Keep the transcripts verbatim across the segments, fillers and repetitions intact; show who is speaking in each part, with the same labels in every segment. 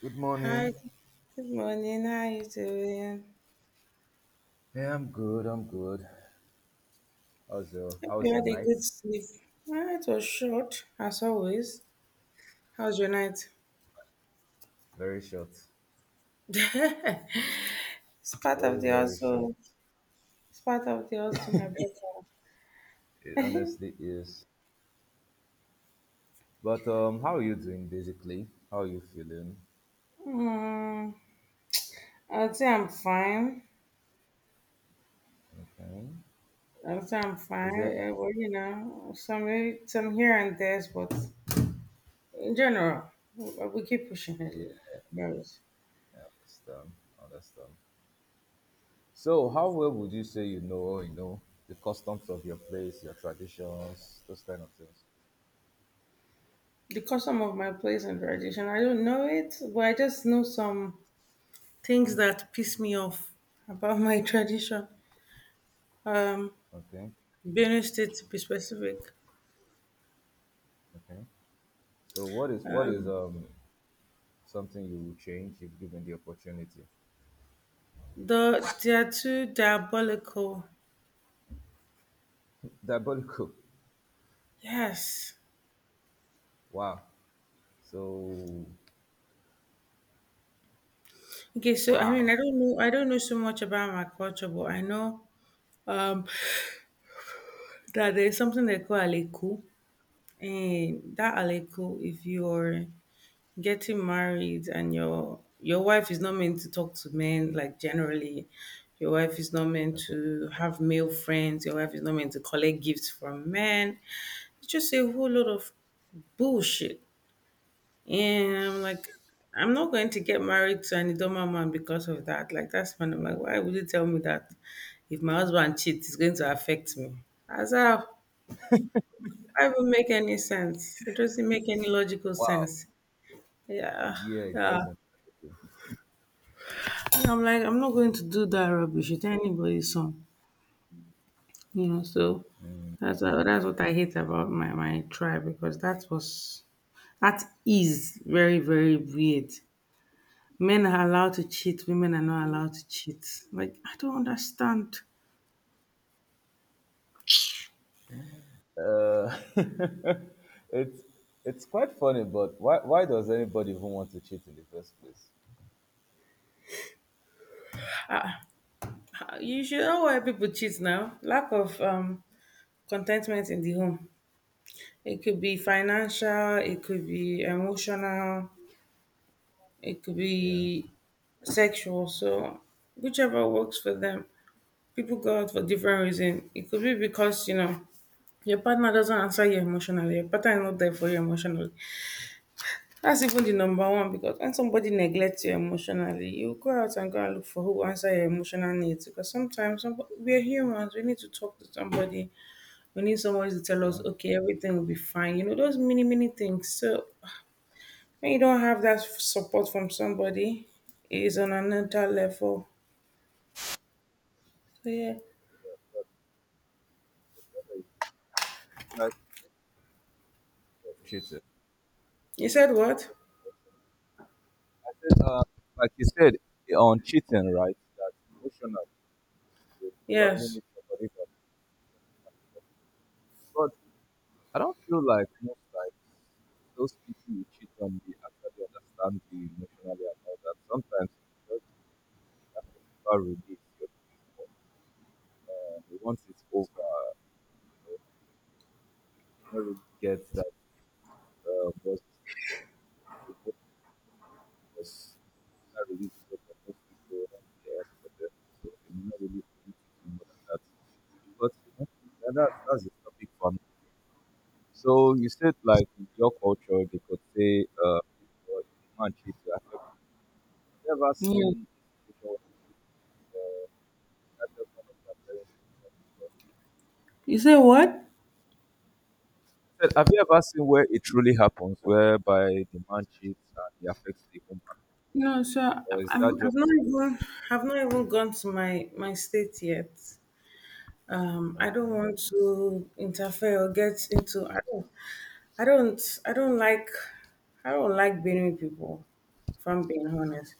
Speaker 1: Good
Speaker 2: Hi,
Speaker 1: morning.
Speaker 2: good morning. How you doing?
Speaker 1: Yeah, I'm good. I'm good. How's your
Speaker 2: Hope you
Speaker 1: How's your
Speaker 2: had a
Speaker 1: night?
Speaker 2: good sleep. Well, it was short, as always. How was your night?
Speaker 1: Very short.
Speaker 2: it's part of
Speaker 1: Very
Speaker 2: the
Speaker 1: very short.
Speaker 2: also. It's part of the also my brother.
Speaker 1: It honestly is. But um, how are you doing basically? How are you feeling?
Speaker 2: mm, I'll say I'm fine.
Speaker 1: Okay.
Speaker 2: I'll say I'm
Speaker 1: Is
Speaker 2: fine.
Speaker 1: there?
Speaker 2: Yeah, well, you know, some some here and there's, but in general, we, we keep pushing it.
Speaker 1: Yeah,
Speaker 2: Yes.
Speaker 1: I understand. I Understand. So, how well would you say you know? You know the customs of your place, your traditions, those kind of things.
Speaker 2: The custom of my place and tradition, I don't know it, but I just know some. Things that piss me off about my tradition, um,
Speaker 1: Okay.
Speaker 2: Benue State to be specific.
Speaker 1: Okay. So, what is what is
Speaker 2: Um,
Speaker 1: um something you would change if given the opportunity?
Speaker 2: the they are too diabolical.
Speaker 1: Diabolical.
Speaker 2: Yes.
Speaker 1: Wow. So
Speaker 2: Okay, so I mean,
Speaker 1: wow.
Speaker 2: I don't know, I don't know so much about my culture, but I know um that there's something they call aleku, and that aleku, if you're getting married and your your wife is not meant to talk to men, like, generally your wife is not meant
Speaker 1: Okay.
Speaker 2: to have male friends, your wife is not meant to collect gifts from men. It's just a whole lot of bullshit, and I'm like, I'm not going to get married to an Idoma man because of that. Like, that's when I'm like, why would you tell me that if my husband cheats it's going to affect me? As how? It doesn't make any sense. It doesn't make any logical
Speaker 1: Wow.
Speaker 2: sense. Yeah.
Speaker 1: Yeah, it
Speaker 2: Yeah,
Speaker 1: doesn't.
Speaker 2: I'm like, I'm not going to do that rubbish. It's anybody's song, you know. So that's uh, that's what I hate about my my tribe, because that was that is very, very weird. Men are allowed to cheat. Women are not allowed to cheat. Like, I don't understand.
Speaker 1: Uh, it's it's quite funny, but why why does anybody even want to cheat in the first place?
Speaker 2: Uh, You should know why people cheat now. Lack of um contentment in the home. It could be financial. It could be emotional. It could
Speaker 1: Yeah,
Speaker 2: be sexual. So whichever works for them. People go out for different reasons. It could be because, you know, your partner doesn't answer you emotionally, your partner is not there for you emotionally. That's even the number one, because when somebody neglects you emotionally, you go out and go and look for who answer your emotional needs, because sometimes some, we are humans, we need to talk to somebody, we need somebody to tell us,
Speaker 1: true.
Speaker 2: okay, everything will be fine. You know, those many, many things. So when you don't have that support from somebody, it is on another level. So yeah.
Speaker 1: But the problem is lack of cheating.
Speaker 2: You said what?
Speaker 1: I said, uh, like you said on cheating, right? That emotionally, you probably
Speaker 2: Yes.
Speaker 1: need somebody that. But I don't feel like most times those people you cheat on, they actually understand you emotionally and all that. Sometimes it's that festival release you're looking for. And once it's over, you don't really get that uh, was was that release is over. Most people are here for them, so they may not really do anything more than that. But you know, yeah, that, that's that's a topic for me. So you said like in your culture they could say uh, or if a man cheats you. Have you have you ever
Speaker 2: Yeah.
Speaker 1: seen a situation where that just one of your parents?
Speaker 2: You said what?
Speaker 1: I said, have you ever seen where it truly happens, whereby the man cheats and he affects the woman?
Speaker 2: No, so
Speaker 1: Or
Speaker 2: I'm,
Speaker 1: is that
Speaker 2: I'm-
Speaker 1: just
Speaker 2: I've not even I've not even gone to my my state yet. Um, I don't
Speaker 1: okay?
Speaker 2: want to interfere or get into. I don't. I don't. I don't like. I don't like Benue people. If I'm being honest,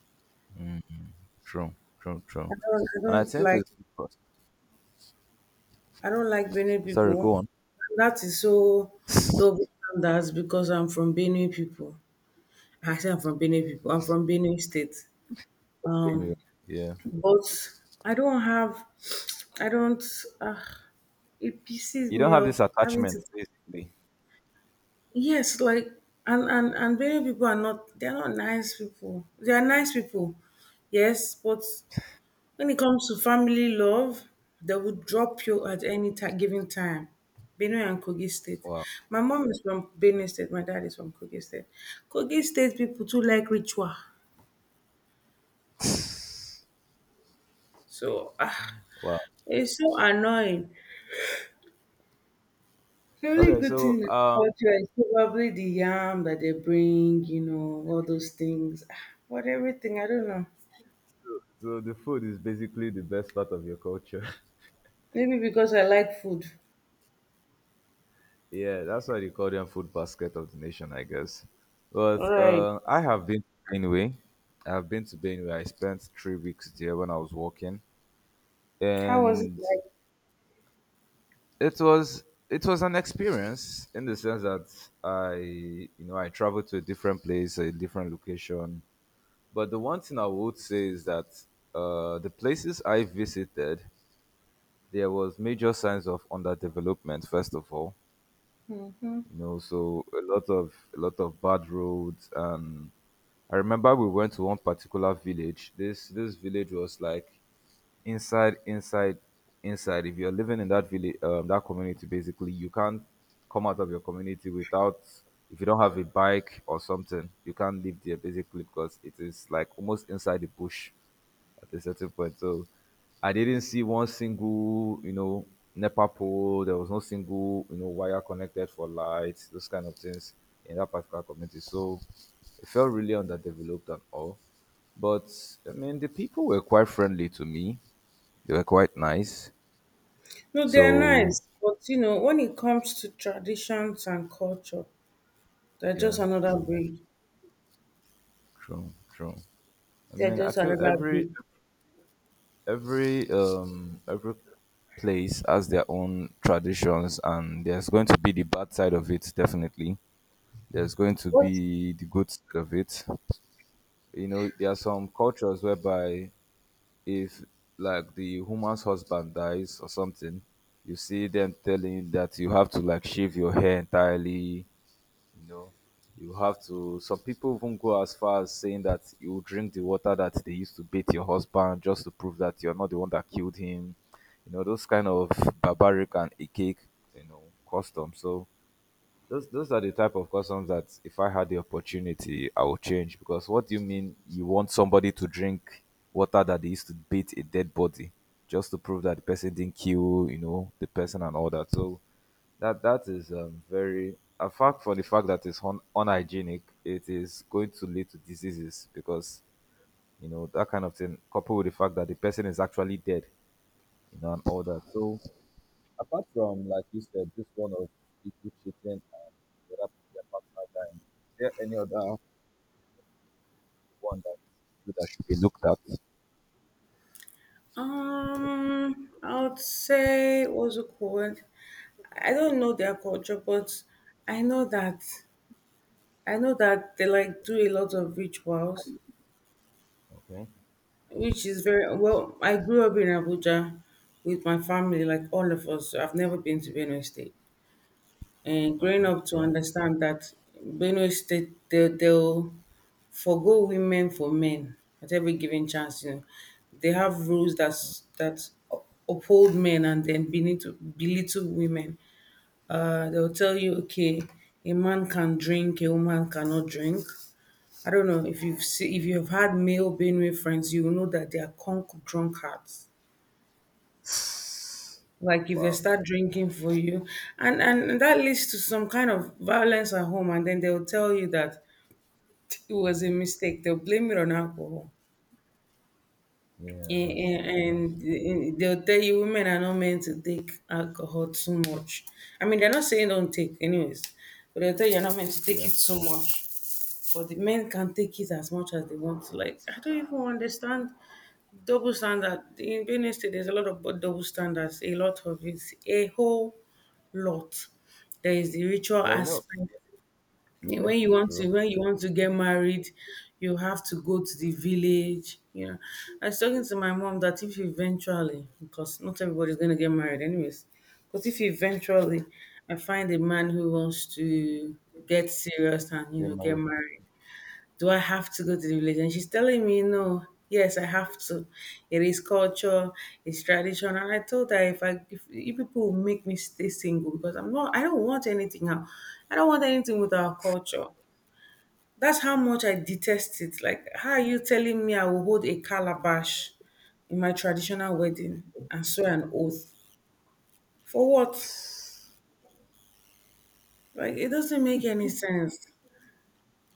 Speaker 1: True, true,
Speaker 2: I
Speaker 1: true.
Speaker 2: don't. I
Speaker 1: And I
Speaker 2: don't
Speaker 1: think
Speaker 2: like.
Speaker 1: it's because
Speaker 2: I don't like Benue
Speaker 1: sorry, go
Speaker 2: people.
Speaker 1: on.
Speaker 2: That is so double standards, because I'm from Benue people. I say I'm from Benue people. I'm from Benue State. Um,
Speaker 1: Anyway, yeah,
Speaker 2: but I don't have. I don't. Uh, it pisses
Speaker 1: you don't
Speaker 2: me
Speaker 1: have
Speaker 2: off
Speaker 1: this
Speaker 2: having to
Speaker 1: attachment basically.
Speaker 2: yes, like, and and and many people are not they're not nice people, they are nice people. Yes, but when it comes to family love, they will drop you at any time given time. Benue and Kogi State.
Speaker 1: Wow,
Speaker 2: My mom is from Benue State. My dad is from Kogi State. Kogi State people too like ritual. So ah,
Speaker 1: wow.
Speaker 2: it's so annoying. The only
Speaker 1: Okay,
Speaker 2: good thing
Speaker 1: so
Speaker 2: in
Speaker 1: um,
Speaker 2: culture is probably the yam that they bring, you know, all those things. Ah, but everything, I don't know.
Speaker 1: so so the food is basically the best part of your culture.
Speaker 2: Maybe because I like food.
Speaker 1: yeah, that's why they call them food basket of the nation, I guess.
Speaker 2: All
Speaker 1: But
Speaker 2: right.
Speaker 1: uh, I have been to Benue. I've been to Benue. I spent three weeks there when I was working,
Speaker 2: How was it
Speaker 1: and
Speaker 2: like?
Speaker 1: it was it was an experience in the sense that I you know I traveled to a different place, a different location. But the one thing I would say is that uh, the places I visited, there was major signs of underdevelopment. First of all,
Speaker 2: Hmm.
Speaker 1: you know, so a lot of a lot of bad roads. And I remember we went to one particular village. This this village was like inside inside inside if you're living in that village um, that community basically you can't come out of your community without if you don't have a bike or something you can't live there basically because it is like almost inside the bush at a certain point, so I didn't see one single you know NEPA pole. There was no single you know wire connected for lights, those kind of things in that particular community. So it felt really underdeveloped and all, but I mean, the people were quite friendly to me. They were quite nice.
Speaker 2: No, they're
Speaker 1: So
Speaker 2: nice. But, you know, when it comes to traditions and culture, they're just
Speaker 1: yeah,
Speaker 2: another
Speaker 1: true,
Speaker 2: breed.
Speaker 1: true, true. I
Speaker 2: They're
Speaker 1: mean, I
Speaker 2: just
Speaker 1: feel
Speaker 2: another
Speaker 1: every
Speaker 2: breed.
Speaker 1: every um every place has their own traditions, and there's going to be the bad side of it. Definitely, there's going to
Speaker 2: What?
Speaker 1: be the good side of it. You know, there are some cultures whereby if like the woman's husband dies or something, you see them telling that you have to like shave your hair entirely. You know, you have to. Some people even go as far as saying that you will drink the water that they used to beat your husband just to prove that you're not the one that killed him. You know, those kind of barbaric and archaic, you know, customs. So those those are the type of customs that if I had the opportunity, I would change. Because what do you mean you want somebody to drink water that they used to beat a dead body just to prove that the person didn't kill, you know, the person and all that? So that that is um, very apart from the fact that it's un- unhygienic, it is going to lead to diseases because you know that kind of thing, coupled with the fact that the person is actually dead, you know, and all that. So apart from like you said, this one of people cheating and whether their partner dying, is there any other one that you feel that should be looked at?
Speaker 2: Um, I would say, what's it called? I don't know their culture, but I know that I know that they like do a lot of rituals,
Speaker 1: Okay,
Speaker 2: which is very well. I grew up in Abuja with my family, like all of us. I've never been to Benue State, and growing
Speaker 1: okay,
Speaker 2: up to
Speaker 1: yeah.
Speaker 2: understand that Benue State they they'll forgo women for men at every given chance. You know, they have rules that that uphold men and then belittle belittle women. Uh, they'll tell you, okay, a man can drink, a woman cannot drink. I don't know if you've see, if you've had male Benue friends, you will know that they are conk drunkards. Like, if they
Speaker 1: Wow.
Speaker 2: start drinking for you, and, and and that leads to some kind of violence at home, and then they'll tell you that it was a mistake. They'll blame it on alcohol,
Speaker 1: Yeah,
Speaker 2: and,
Speaker 1: that's true. That's
Speaker 2: and,
Speaker 1: true.
Speaker 2: and they'll tell you women are not meant to take alcohol too much. I mean, they're not saying don't take, anyways, but they'll tell you you're not meant to take
Speaker 1: Yeah.
Speaker 2: it so much. But the men can take it as much as they want to. Like, I don't even understand. Double standard. In Benue State, there's a lot of bu- double standards, a lot of it, a whole lot. There is the ritual
Speaker 1: Well, you know,
Speaker 2: aspect. And
Speaker 1: yeah,
Speaker 2: when you want to
Speaker 1: true.
Speaker 2: when you want to get married, you have to go to the village. You know, I was talking to my mom that if eventually, because not everybody's gonna get married anyways, but if eventually I find a man who wants to get serious and, you
Speaker 1: Yeah,
Speaker 2: know, get
Speaker 1: marriage.
Speaker 2: married, do I have to go to the village? And she's telling me, no, yes, I have to. It is culture, it's tradition. And I told her if I if you people will make me stay single because I'm not I don't want anything now. I don't want anything with our culture. That's how much I detest it. Like, how are you telling me I will hold a calabash in my traditional wedding and swear an oath? For what? Like, it doesn't make any sense.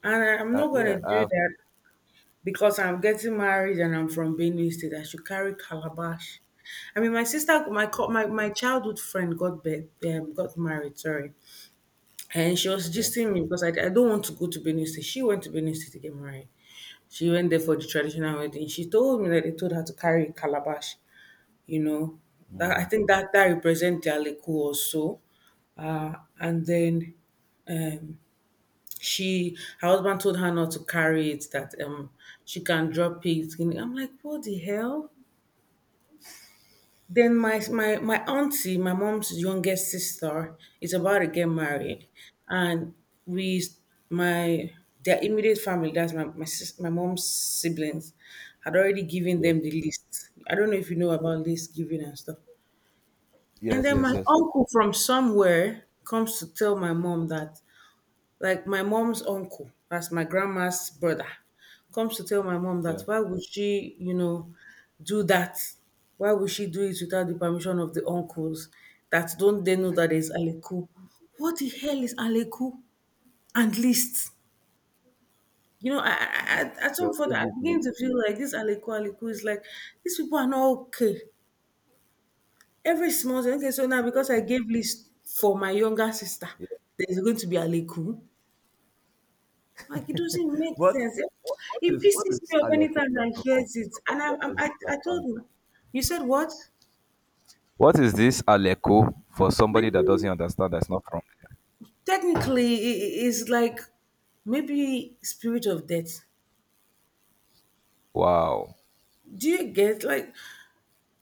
Speaker 2: And I- I'm
Speaker 1: Uh,
Speaker 2: not
Speaker 1: yeah,
Speaker 2: gonna do
Speaker 1: Uh.
Speaker 2: that, because I'm getting married and I'm from Benue State. I should carry calabash. I mean, my sister, my co- my, my childhood friend got be, um, got married. Sorry, and she was
Speaker 1: Okay.
Speaker 2: gisting me, because I, I don't want to go to Benue State. She went to Benue State to get married. She went there for the traditional wedding. She told me that they told her to carry a calabash. You know, that, I think that that represents their liku also. Uh, and then um. she her husband told her not to carry it, that um she can drop it. And I'm like, what the hell? Then my my my auntie, my mom's youngest sister, is about to get married,
Speaker 1: Yes.
Speaker 2: and we my their immediate family, that's my my sis, my mom's siblings, had already given
Speaker 1: Yes.
Speaker 2: them the list. I don't know if you know about list giving and stuff. And
Speaker 1: Yes.
Speaker 2: then
Speaker 1: Yes.
Speaker 2: my
Speaker 1: Yes.
Speaker 2: uncle from somewhere comes to tell my mom that like my mom's uncle, that's my grandma's brother, comes to tell my mom that
Speaker 1: Yeah.
Speaker 2: why would she, you know, do that? Why would she do it without the permission of the uncles? That don't they know that there's Aleku? What the hell is Aleku and list? You know, I, I,
Speaker 1: Yeah.
Speaker 2: I- at
Speaker 1: So
Speaker 2: some point I begin
Speaker 1: basically,
Speaker 2: to feel
Speaker 1: uh,
Speaker 2: like this Aleku Aleku is like these people are not okay. Every small thing, okay, so now because I
Speaker 1: so,
Speaker 2: gave list for my younger sister,
Speaker 1: yeah.
Speaker 2: there's going to be Aleku. Like, it doesn't make
Speaker 1: What,
Speaker 2: sense. It,
Speaker 1: what what
Speaker 2: it
Speaker 1: is what
Speaker 2: pisses
Speaker 1: is
Speaker 2: me off
Speaker 1: Aleko
Speaker 2: anytime
Speaker 1: first
Speaker 2: I
Speaker 1: of all,
Speaker 2: hears
Speaker 1: for
Speaker 2: it. And
Speaker 1: somebody
Speaker 2: I,
Speaker 1: that
Speaker 2: I, I,
Speaker 1: doesn't
Speaker 2: I
Speaker 1: understand.
Speaker 2: told him, you said what?
Speaker 1: What is this Aleko for
Speaker 2: My
Speaker 1: somebody that
Speaker 2: dear,
Speaker 1: doesn't understand? That's not from there.
Speaker 2: technically, it is like maybe spirit of death.
Speaker 1: Wow.
Speaker 2: Do you get like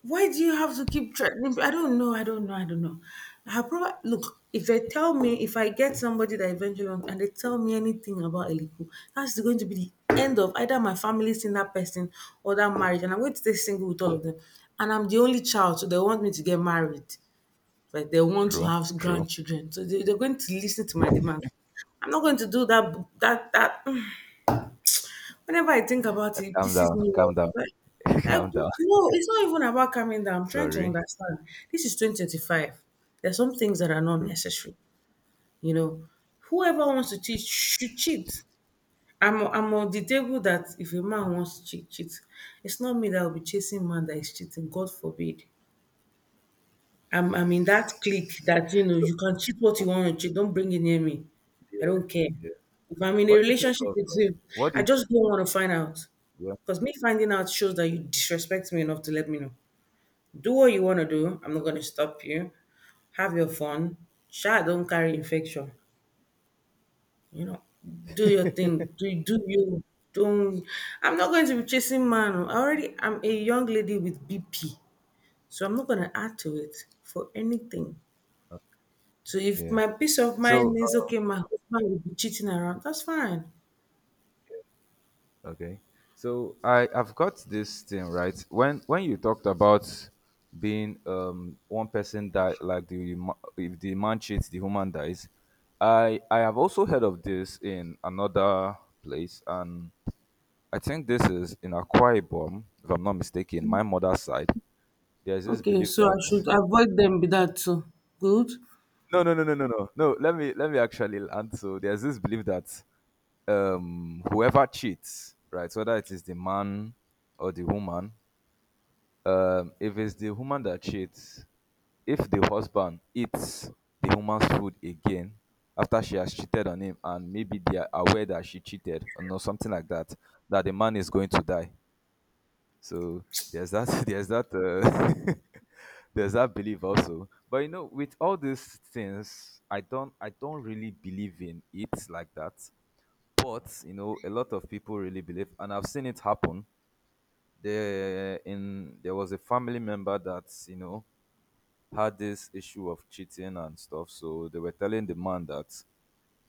Speaker 2: why do you have to keep threatening? I don't know. I don't know. I don't know. I probably look if they tell me if I get somebody that eventually want- and they tell me anything about Eliku, that's going to be the end of either my family seeing that person or that marriage, and I'm going to stay single with all of them. And I'm the only child, so they want me to get married. Like, they want to
Speaker 1: True.
Speaker 2: have
Speaker 1: True.
Speaker 2: grandchildren, so they, they're going to listen to my demand. I'm not going to do that. That that whenever I think about
Speaker 1: Uh,
Speaker 2: it, it
Speaker 1: calm
Speaker 2: pisses
Speaker 1: down.
Speaker 2: me
Speaker 1: Calm
Speaker 2: off.
Speaker 1: down.
Speaker 2: Like, like,
Speaker 1: calm down.
Speaker 2: no, it's not even about coming down. I'm trying to
Speaker 1: Sorry.
Speaker 2: understand. This is two thousand twenty-five. There's some things that are not
Speaker 1: True.
Speaker 2: necessary. You know, whoever wants to cheat should cheat. I'm, I'm on the table that if a man wants to cheat, cheat. It's not me that will be chasing man that is cheating. God forbid. I'm I'm in that clique that, you know,
Speaker 1: So,
Speaker 2: you can cheat what you
Speaker 1: oh,
Speaker 2: want to cheat. Don't bring it near me. I
Speaker 1: yeah.
Speaker 2: don't care.
Speaker 1: Yeah.
Speaker 2: If I'm in a
Speaker 1: What do you think
Speaker 2: relationship
Speaker 1: of?
Speaker 2: with
Speaker 1: um,
Speaker 2: you,
Speaker 1: What do
Speaker 2: I
Speaker 1: you
Speaker 2: just don't want to find out.
Speaker 1: think?
Speaker 2: Because me finding out shows that you disrespect me enough to let me know. Do what you want to do. I'm not going to stop you. Have your fun. Sha don't carry infection. You know, do your thing. Do, do you. Don't. I'm not going to be chasing man. Oh, I already, I'm a young lady with B P. So I'm not going to add to it for anything. So
Speaker 1: Yeah.
Speaker 2: if
Speaker 1: Yeah.
Speaker 2: my peace of mind
Speaker 1: So.
Speaker 2: means
Speaker 1: uh,
Speaker 2: okay, my husband will be cheating around, that's fine.
Speaker 1: Okay. So I I've got this thing, right. When when you talked about being um one person die like the ma- if the man cheats the woman dies, I I have also heard of this in another place, and I think this is in Akwa Ibom if I'm not mistaken. My mother's side, there's this
Speaker 2: Okay,
Speaker 1: belief
Speaker 2: so I
Speaker 1: that
Speaker 2: should avoid them with that too. Good.
Speaker 1: no no no no no no no. Let me let me actually land. So there's this belief that um whoever cheats right, whether it is the man or the woman. Um, if it's the woman that cheats, if the husband eats the woman's food again after she has cheated on him and maybe they are aware that she cheated or no, something like that, that the man is going to die. So there's that there's that uh, there's that belief also. But you know, with all these things, I don't I don't really believe in it like that. But you know, a lot of people really believe, and I've seen it happen there. In there was a family member that you know had this issue of cheating and stuff, so they were telling the man that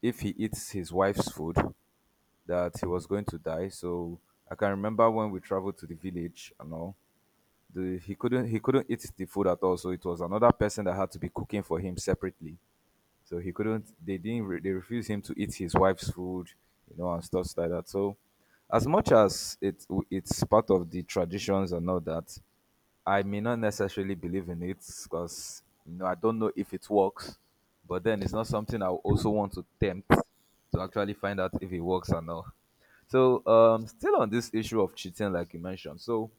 Speaker 1: if he eats his wife's food that he was going to die. So I can remember when we traveled to the village and all, the he couldn't he couldn't eat the food at all, so it was another person that had to be cooking for him separately. So he couldn't. They didn't. Re- they refused him to eat his wife's food, you know, and stuff like that. So, as much as it it's part of the traditions and all that, I may not necessarily believe in it because you know I don't know if it works. But then it's not something I would also want to tempt to actually find out if it works or not. So, um, still on this issue of cheating, like you mentioned, so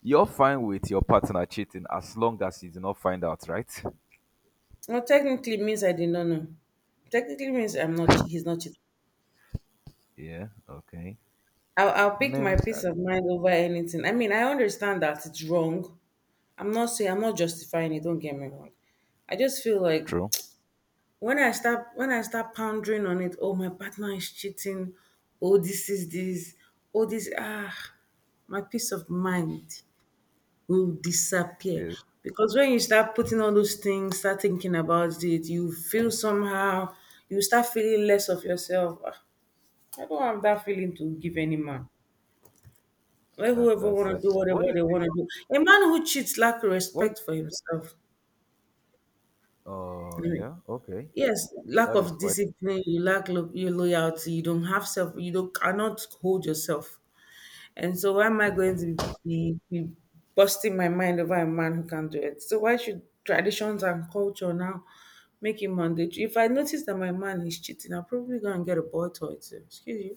Speaker 1: you're fine with your partner cheating as long as you do not find out, right?
Speaker 2: Well, technically means I did not know. Technically means I'm not. Che- He's not cheating.
Speaker 1: Yeah. Okay.
Speaker 2: I'll, I'll
Speaker 1: I
Speaker 2: pick my
Speaker 1: mean,
Speaker 2: peace
Speaker 1: I
Speaker 2: of mind over anything. I mean, I understand that it's wrong. I'm not saying I'm not justifying it. Don't get me wrong. I just feel like
Speaker 1: true.
Speaker 2: when I start when I start pondering on it, oh, my partner is cheating. Oh, this is this. Oh this ah, my peace of mind will disappear.
Speaker 1: Yes,
Speaker 2: Because when you start putting all those things, start thinking about it, you feel somehow, you start feeling less of yourself. Ah, I don't have that feeling to give any man. Let
Speaker 1: that's
Speaker 2: whoever
Speaker 1: that's
Speaker 2: want to do
Speaker 1: that's
Speaker 2: whatever
Speaker 1: what do you
Speaker 2: they want to do. A man who cheats lack
Speaker 1: what
Speaker 2: respect for himself.
Speaker 1: oh
Speaker 2: Anyway,
Speaker 1: yeah, okay.
Speaker 2: yes, lack
Speaker 1: That is
Speaker 2: of
Speaker 1: quite
Speaker 2: discipline, you lack lo- your loyalty, you don't have self, you don't cannot hold yourself. And so why am I going to be, be busting my mind over a man who can't do it? So why should traditions and culture now make it mandatory? If I notice that my man is cheating, I'll probably go and get a boy toy too. Excuse you.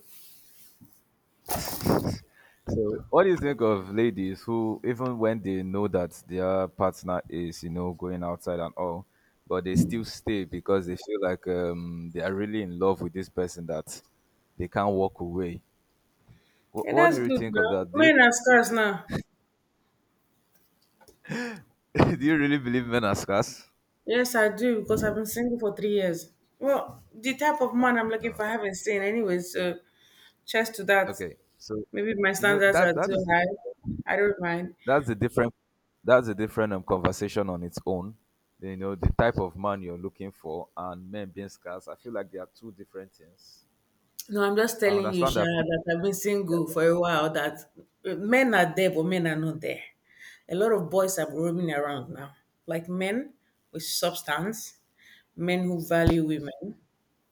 Speaker 1: so what do you think of ladies who even when they know that their partner is, you know, going outside and all, but they still stay because they feel like um they are really in love with this person that they can't walk away. What,
Speaker 2: Yeah,
Speaker 1: what do
Speaker 2: that's
Speaker 1: you
Speaker 2: good
Speaker 1: think of
Speaker 2: now.
Speaker 1: that? Do you
Speaker 2: Men are scarce now.
Speaker 1: do you really believe men are scarce?
Speaker 2: Yes, I do, because I've been single for three years. Well, the type of man I'm looking
Speaker 1: No.
Speaker 2: for, I haven't seen anyway, so cheers to that.
Speaker 1: Okay. So
Speaker 2: Maybe my
Speaker 1: you know
Speaker 2: standards are
Speaker 1: that that is
Speaker 2: too
Speaker 1: the
Speaker 2: high. I don't mind.
Speaker 1: that's a different that's a different um, conversation on its own. You know, the type of man you're looking for and men being scarce. I feel like they are two different things.
Speaker 2: No, I'm just
Speaker 1: I
Speaker 2: telling you,
Speaker 1: understand that
Speaker 2: Shara, that
Speaker 1: people
Speaker 2: I've been
Speaker 1: yeah,
Speaker 2: single for a while, that men are there, but men are not there. A lot of boys are roaming around now. Like men with substance, men who value women.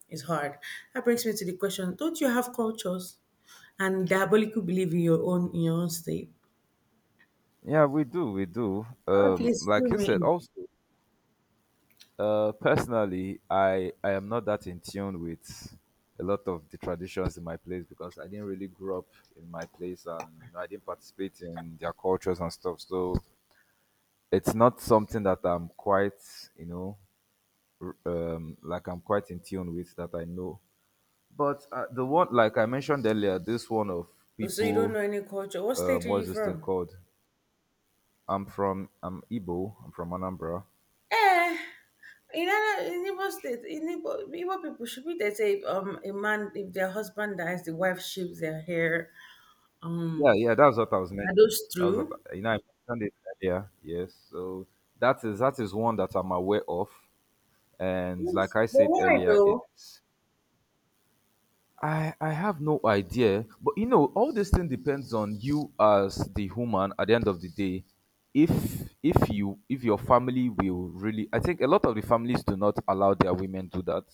Speaker 2: It's hard. That brings me to the question, don't you have cultures and diabolical belief in your own in your own state?
Speaker 1: yeah, we do, we do.
Speaker 2: Oh,
Speaker 1: Um,
Speaker 2: please fill
Speaker 1: like you said,
Speaker 2: me
Speaker 1: also, uh, personally, I I am not that in tune with a lot of the traditions in my place because I didn't really grow up in my place, and you know, I didn't participate in their cultures and stuff. So it's not something that I'm quite, you know, r- um like I'm quite in tune with that I know. But uh, the one like I mentioned earlier, this one of
Speaker 2: in. So you don't know
Speaker 1: people
Speaker 2: any culture. What
Speaker 1: um
Speaker 2: state are you
Speaker 1: what's this thing
Speaker 2: from?
Speaker 1: called. I'm from i'm Igbo. I'm from Anambra.
Speaker 2: Eh. In other in Igbo state, in Igbo, Igbo people should be they say um a man if their husband dies, the wife shaves their hair.
Speaker 1: yeah
Speaker 2: Um,
Speaker 1: yeah that's what I was
Speaker 2: are
Speaker 1: mentioning.
Speaker 2: those
Speaker 1: That was what
Speaker 2: true?
Speaker 1: I- you know I mentioned it earlier, yes. So that is that is one that I'm aware of, and
Speaker 2: Yes.
Speaker 1: like I
Speaker 2: But
Speaker 1: said
Speaker 2: why
Speaker 1: earlier
Speaker 2: though?
Speaker 1: it's I I have no idea, but you know, all this thing depends on you as the human at the end of the day. If if you if your family will really I think a lot of the families do not allow their women do that,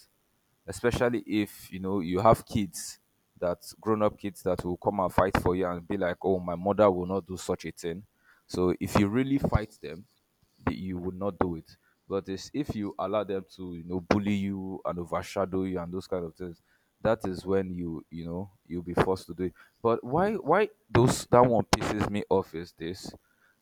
Speaker 1: especially if you know you have kids, that grown up kids that will come and fight for you and be like, "Oh, my mother will not do such a thing." So if you really fight them, the- you will not do it. But it's, if you allow them to, you know, bully you and overshadow you and those kind of things, that is when you, you know, you'll be forced to do it. But why, why those that one pisses me off is this?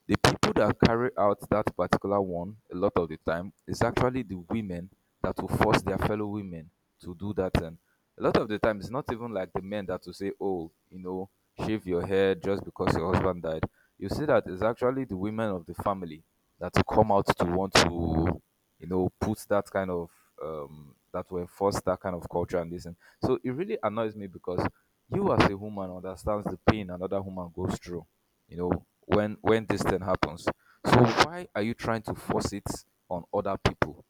Speaker 1: The people that carry out that particular one a lot of the time is actually the women that will force their fellow women to do that thing. A lot of the time, it's not even like the men that will say, "Oh, you know, shave your hair just because your husband died." You see that it's actually the women of the family that will come out to want to, you know, put that kind of um that will enforce that kind of culture and this. And so it really annoys me because you as a woman understands the pain another woman goes through you know, when when this thing happens. So why are you trying to force it on other people?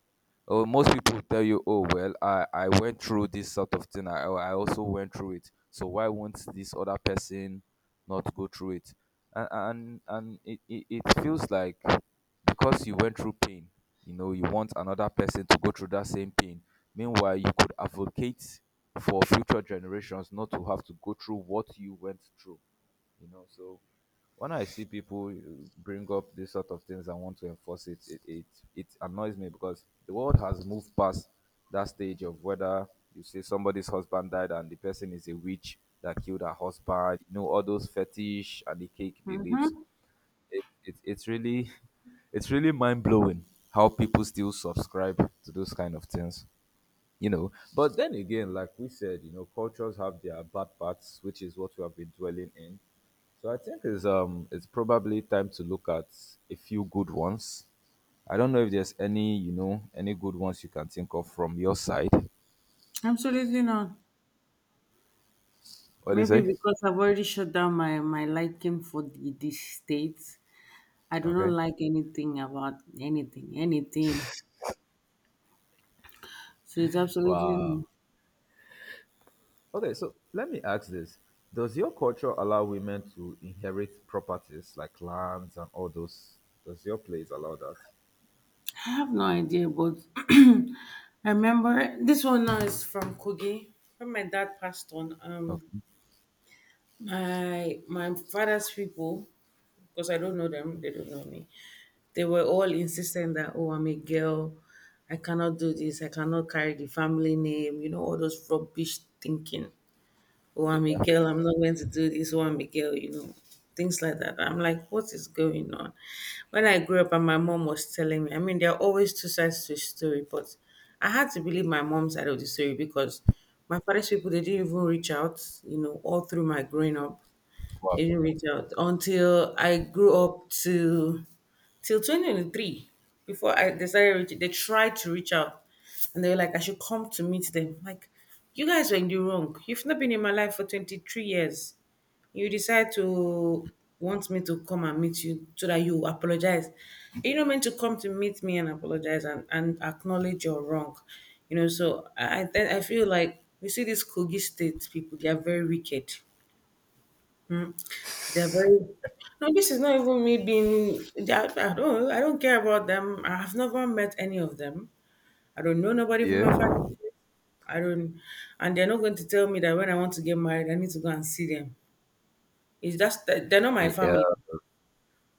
Speaker 1: Oh, most people tell you, "Oh well, I I went through this sort of thing. I I also went through it. So why won't this other person not go through it?" And and and it it, it feels like because you went through pain, you know, you want another person to go through that same pain. Meanwhile, you could advocate for future generations not to have to go through what you went through you know so when I see people uh, bring up these sort of things and want to enforce it, it, it, it annoys me because the world has moved past that stage of whether you say somebody's husband died and the person is a witch that killed her husband, you know, all those fetish and the cake beliefs. It, it, it's really, it's really mind blowing how people still subscribe to those kind of things you know but then again, like we said, you know, cultures have their bad parts, which is what we have been dwelling in. So I think it's um it's probably time to look at a few good ones. I don't know if there's any, you know, any good ones you can think of from your side.
Speaker 2: Absolutely not.
Speaker 1: What do you
Speaker 2: Maybe
Speaker 1: say?
Speaker 2: because I've already shut down my, my liking for the, the states. I do not
Speaker 1: Okay.
Speaker 2: like anything about anything, anything. So it's
Speaker 1: Wow.
Speaker 2: absolutely,
Speaker 1: Okay, so let me ask this. Does your culture allow women to inherit properties like lands and all those? Does your place allow that?
Speaker 2: I have no idea, but I remember this one now is from Kogi. When my dad passed on, um,
Speaker 1: Okay.
Speaker 2: my my father's people, because I don't know them, they don't know me. They were all insistent that oh, I'm a girl, I cannot do this, I cannot carry the family name, you know, all those rubbish thinking. Oh, I'm a
Speaker 1: Yeah.
Speaker 2: girl, I'm not going to do this. Oh, I'm a girl, you know, things like that. I'm like, what is going on? When I grew up, and my mom was telling me, I mean, there are always two sides to a story, but I had to believe my mom's side of the story because my father's people they didn't even reach out, you know, all through my growing up
Speaker 1: Wow.
Speaker 2: it didn't reach out until I grew up to till two thousand twenty-three before I decided reach, they tried to reach out and they were like I should come to meet them like you guys were in the wrong, you've not been in my life for twenty-three years, you decide to want me to come and meet you so that you apologize. You're not meant to come to meet me and apologize and, and acknowledge you're wrong. You know, so I I I feel like we see these Kogi state people they are very wicked, they're very no, this is not even me being. they are- I don't. I don't care about them. I have never met any of them. I don't know nobody from my family.
Speaker 1: Yeah.
Speaker 2: I don't, and they're not going to tell me that when I want to get married, I need to go and see them. It's just that they're not my
Speaker 1: Yeah,
Speaker 2: family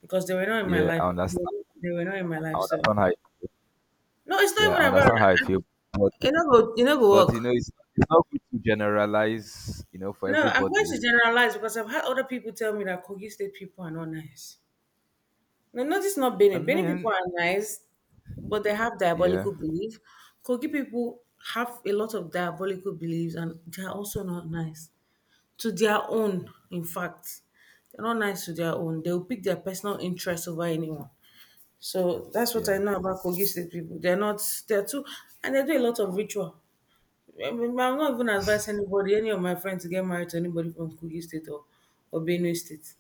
Speaker 2: because they were not in my
Speaker 1: Yeah,
Speaker 2: life.
Speaker 1: I understand.
Speaker 2: They were not in my
Speaker 1: I
Speaker 2: life. So
Speaker 1: understand how. You.
Speaker 2: no, it's not
Speaker 1: Yeah, I
Speaker 2: even about.
Speaker 1: understand how I feel. But
Speaker 2: You know, go. You know, go
Speaker 1: but you know,
Speaker 2: work.
Speaker 1: it's it's not good to generalize. You know, for
Speaker 2: No, I'm going
Speaker 1: everybody.
Speaker 2: to generalize because I've had other people tell me that Kogi State people are not nice. No, no, this not
Speaker 1: I
Speaker 2: Benin. Benin people
Speaker 1: mean,
Speaker 2: are nice, but they have
Speaker 1: yeah,
Speaker 2: diabolical belief. Kogi people have a lot of diabolical beliefs, and they are also not nice to their own. In fact, they're not nice to their own. They will pick their personal interest over anyone. So that's what I
Speaker 1: yeah.
Speaker 2: know about Kogi State people. They're not. They're too, and they do a lot of ritual. I mean, I'm not even advise anybody, any of my friends, to get married to anybody from Kogi State or or Benue State.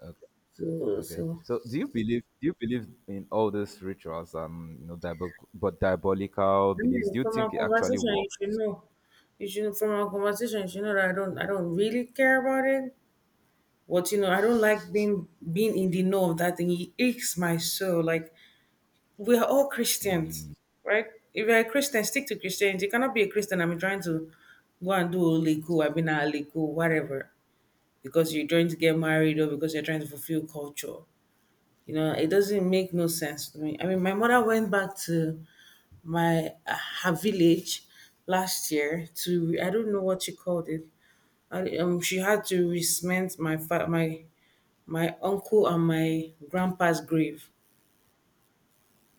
Speaker 1: Okay,
Speaker 2: So,
Speaker 1: okay.
Speaker 2: so.
Speaker 1: So, do you believe? Do you believe in all these rituals and, you know, diabol- but diabolical
Speaker 2: I
Speaker 1: beliefs?
Speaker 2: mean,
Speaker 1: Do you
Speaker 2: from our
Speaker 1: think it actually
Speaker 2: conversation, you should
Speaker 1: works?
Speaker 2: know. You should from our conversation, you should know that I don't I don't really care about it. But you know, I don't like being being in the know of that thing. It aches my soul. Like we are all Christians, right? If you're a Christian, stick to Christianity. You cannot be a Christian. I'm trying to go and do oliku, I've been oliku, whatever. Because you're trying to get married or because you're trying to fulfill culture. You know, it doesn't make no sense to me. I mean, my mother went back to my uh, her village last year to I don't know what she called it. I, um, she had to resment my fa- my my uncle and my grandpa's grave.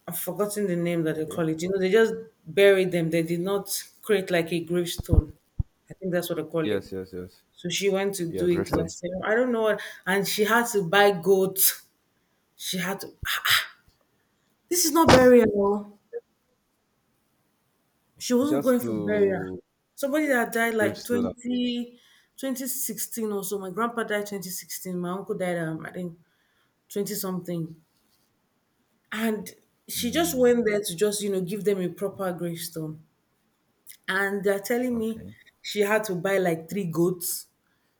Speaker 2: I've forgotten the name that they
Speaker 1: Okay.
Speaker 2: call it. You know, they just buried them. They did not create like a gravestone. I think that's what they call it.
Speaker 1: Yes, yes, yes.
Speaker 2: So she went to do
Speaker 1: Yeah,
Speaker 2: it
Speaker 1: gravestone.
Speaker 2: last year. I don't know what, and she had to buy goats. She had to. Ah, This is not burial. Oh. She wasn't going
Speaker 1: Just
Speaker 2: for burial.
Speaker 1: to
Speaker 2: Somebody that died like
Speaker 1: gravestone.
Speaker 2: twenty twenty sixteen or so. My grandpa died twenty sixteen. My uncle died, um, I think, twenty something. And she just went there to just, you know, give them a proper gravestone. And they're telling me
Speaker 1: Okay.
Speaker 2: she had to buy like three goats.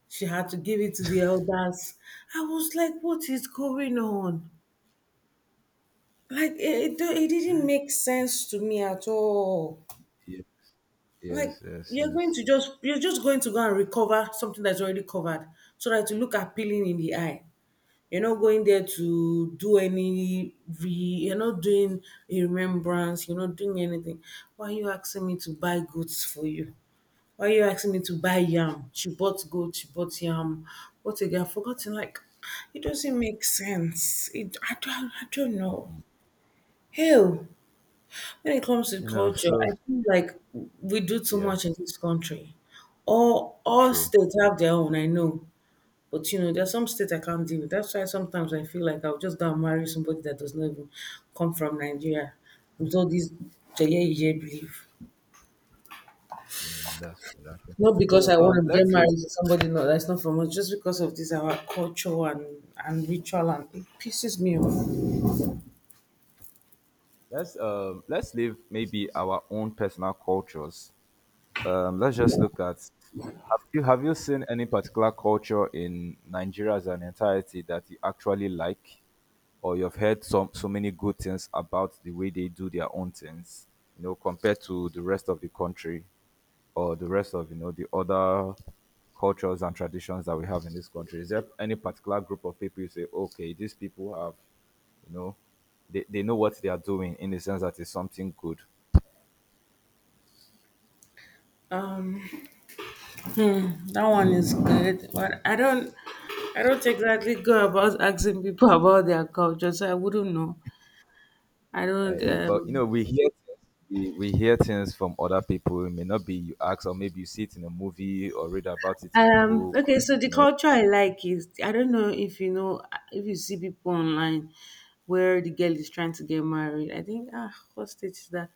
Speaker 2: She had to give it to the elders. I was like, what is going on? Like, it, it, it didn't make sense to me at all,
Speaker 1: Yes,
Speaker 2: like
Speaker 1: yes, yes,
Speaker 2: you're
Speaker 1: yes.
Speaker 2: going to just you're just going to go and recover something that's already covered so that you look appealing in the eye. You're not going there to do any re you're not doing a remembrance, you're not doing anything. Why are you asking me to buy goods for you? Why are you asking me to buy yam? She bought goat, she bought yam. What again I've forgotten. Like, it doesn't make sense. It i don't i don't know, hell. When it comes to
Speaker 1: You know,
Speaker 2: culture,
Speaker 1: so
Speaker 2: I feel like we do too
Speaker 1: yeah.
Speaker 2: much in this country. All all
Speaker 1: True.
Speaker 2: states have their own, I know. But you know, there's some states I can't deal with. That's why sometimes I feel like I'll just go and marry somebody that does not even come from Nigeria. With all these Jeye Ije belief.
Speaker 1: Mm, that's true. That's true.
Speaker 2: Not because
Speaker 1: So
Speaker 2: I want
Speaker 1: um,
Speaker 2: to get
Speaker 1: let's leave.
Speaker 2: married to somebody not, that's not from us, just because of this our culture and, and ritual and it pisses me off.
Speaker 1: Let's um, let's leave maybe our own personal cultures. Um, let's just look at. Have you have you seen any particular culture in Nigeria as an entirety that you actually like, or you've heard some so many good things about the way they do their own things, you know, compared to the rest of the country? Or the rest of, you know, the other cultures and traditions that we have in this country? Is there any particular group of people you say, okay, these people have, you know, they, they know what they are doing in the sense that it's something good?
Speaker 2: That one is good, but I don't, I don't exactly go about asking people about their culture, so I wouldn't know. I
Speaker 1: Uh,
Speaker 2: don't.
Speaker 1: yeah. But you
Speaker 2: Um,
Speaker 1: know, we hear things, we, we hear things from other people. It may not be you ask, or maybe you see it in a movie or read about it in a
Speaker 2: um.
Speaker 1: book.
Speaker 2: Okay, so the
Speaker 1: You know,
Speaker 2: culture I like is I don't know if you know if you see people online where the girl is trying to get married. I think ah, what state is that?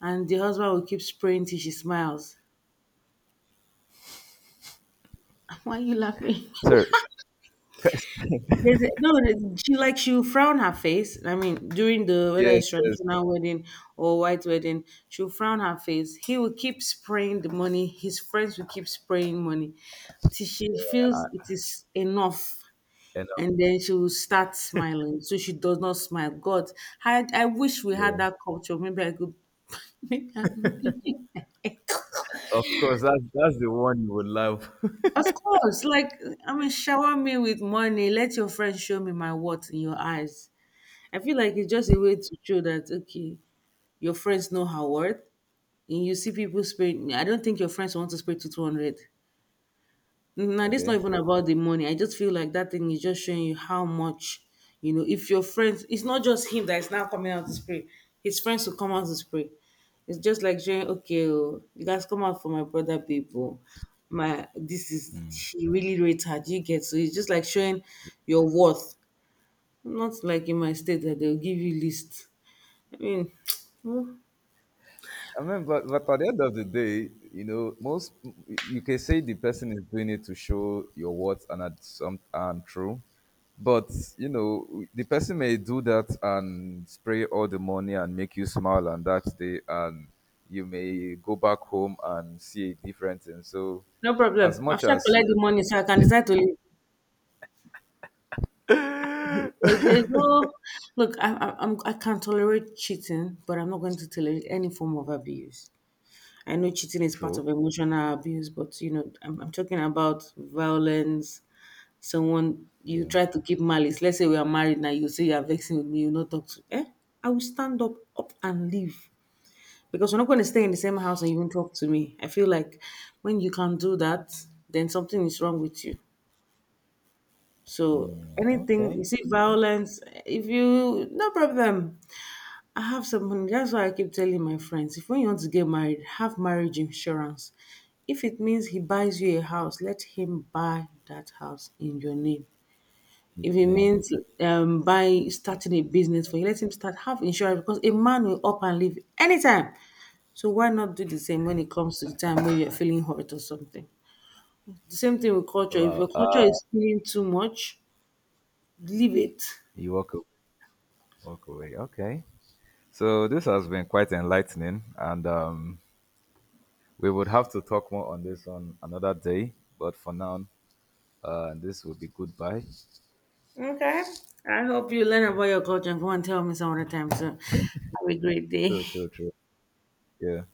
Speaker 2: And the husband will keep spraying till she smiles. Why are you laughing?
Speaker 1: sir.
Speaker 2: There's a, no, there's- she like she'll frown her face. I mean, during the whether
Speaker 1: Yes,
Speaker 2: it's
Speaker 1: yes,
Speaker 2: traditional wedding or white wedding, she'll frown her face. He will keep spraying the money. His friends will keep spraying money till she feels it is enough,
Speaker 1: and uh,
Speaker 2: and then she will start smiling. So she does not smile. God, I I wish we had
Speaker 1: yeah.
Speaker 2: that culture. Maybe I could. Maybe I could be.
Speaker 1: Of course, that's that's the one you would love.
Speaker 2: Of course, like I mean, shower me with money. Let your friends show me my what in your eyes. I feel like it's just a way to show that okay, your friends know her worth, and you see people spend. I don't think your friends want to spend to two hundred. Now this not
Speaker 1: Okay.
Speaker 2: even about the money. I just feel like that thing is just showing you how much you know. If your friends, it's not just him that is now coming out to spray. His friends will come out to spray. It's just like showing okay, oh, you guys come out for my brother people. My this is he really rates her. Do you get so it's just like showing your worth. Not like in my state that they'll give you list. I mean, no
Speaker 1: I mean, but but at the end of the day, you know, most you can say the person is doing it to show your worth and at some and true, but you know, the person may do that and spray all the money and make you smile on that day, and you may go back home and see a difference. And so,
Speaker 2: no problem.
Speaker 1: as much
Speaker 2: After I
Speaker 1: as
Speaker 2: collect
Speaker 1: yeah,
Speaker 2: the money, so I can decide to leave. There- There's no look. I, I, I'm I can tolerate cheating, but I'm not going to tolerate any form of abuse. I know cheating is part of
Speaker 1: true,
Speaker 2: emotional abuse, but you know, I'm, I'm talking about violence. Someone you
Speaker 1: yeah,
Speaker 2: try to keep malice. Let's say we are married now. You say you are vexing with me. You not talk to. Eh? I will stand up, up and leave because we're not going to stay in the same house and you won't talk to me. I feel like when you can do that, then something is wrong with you. So anything,
Speaker 1: okay,
Speaker 2: you see, violence, if you, no problem. I have some money. That's why I keep telling my friends, if when you want to get married, have marriage insurance. If it means he buys you a house, let him buy that house in your name. If it
Speaker 1: name,
Speaker 2: means um, by starting a business for you, let him start have insurance because a man will up and leave anytime. So why not do the same when it comes to the time when you're feeling hurt or something? The same thing with culture. If your
Speaker 1: well,
Speaker 2: culture
Speaker 1: uh,
Speaker 2: is feeling too much, leave it.
Speaker 1: you walk away, walk away, okay. So this has been quite enlightening, and um. We would have to talk more on this on another day, but for now, uh, this will be goodbye.
Speaker 2: Okay. I hope you learn about your culture and go and tell me some other time soon. Have a great day.
Speaker 1: True, true, true. Yeah.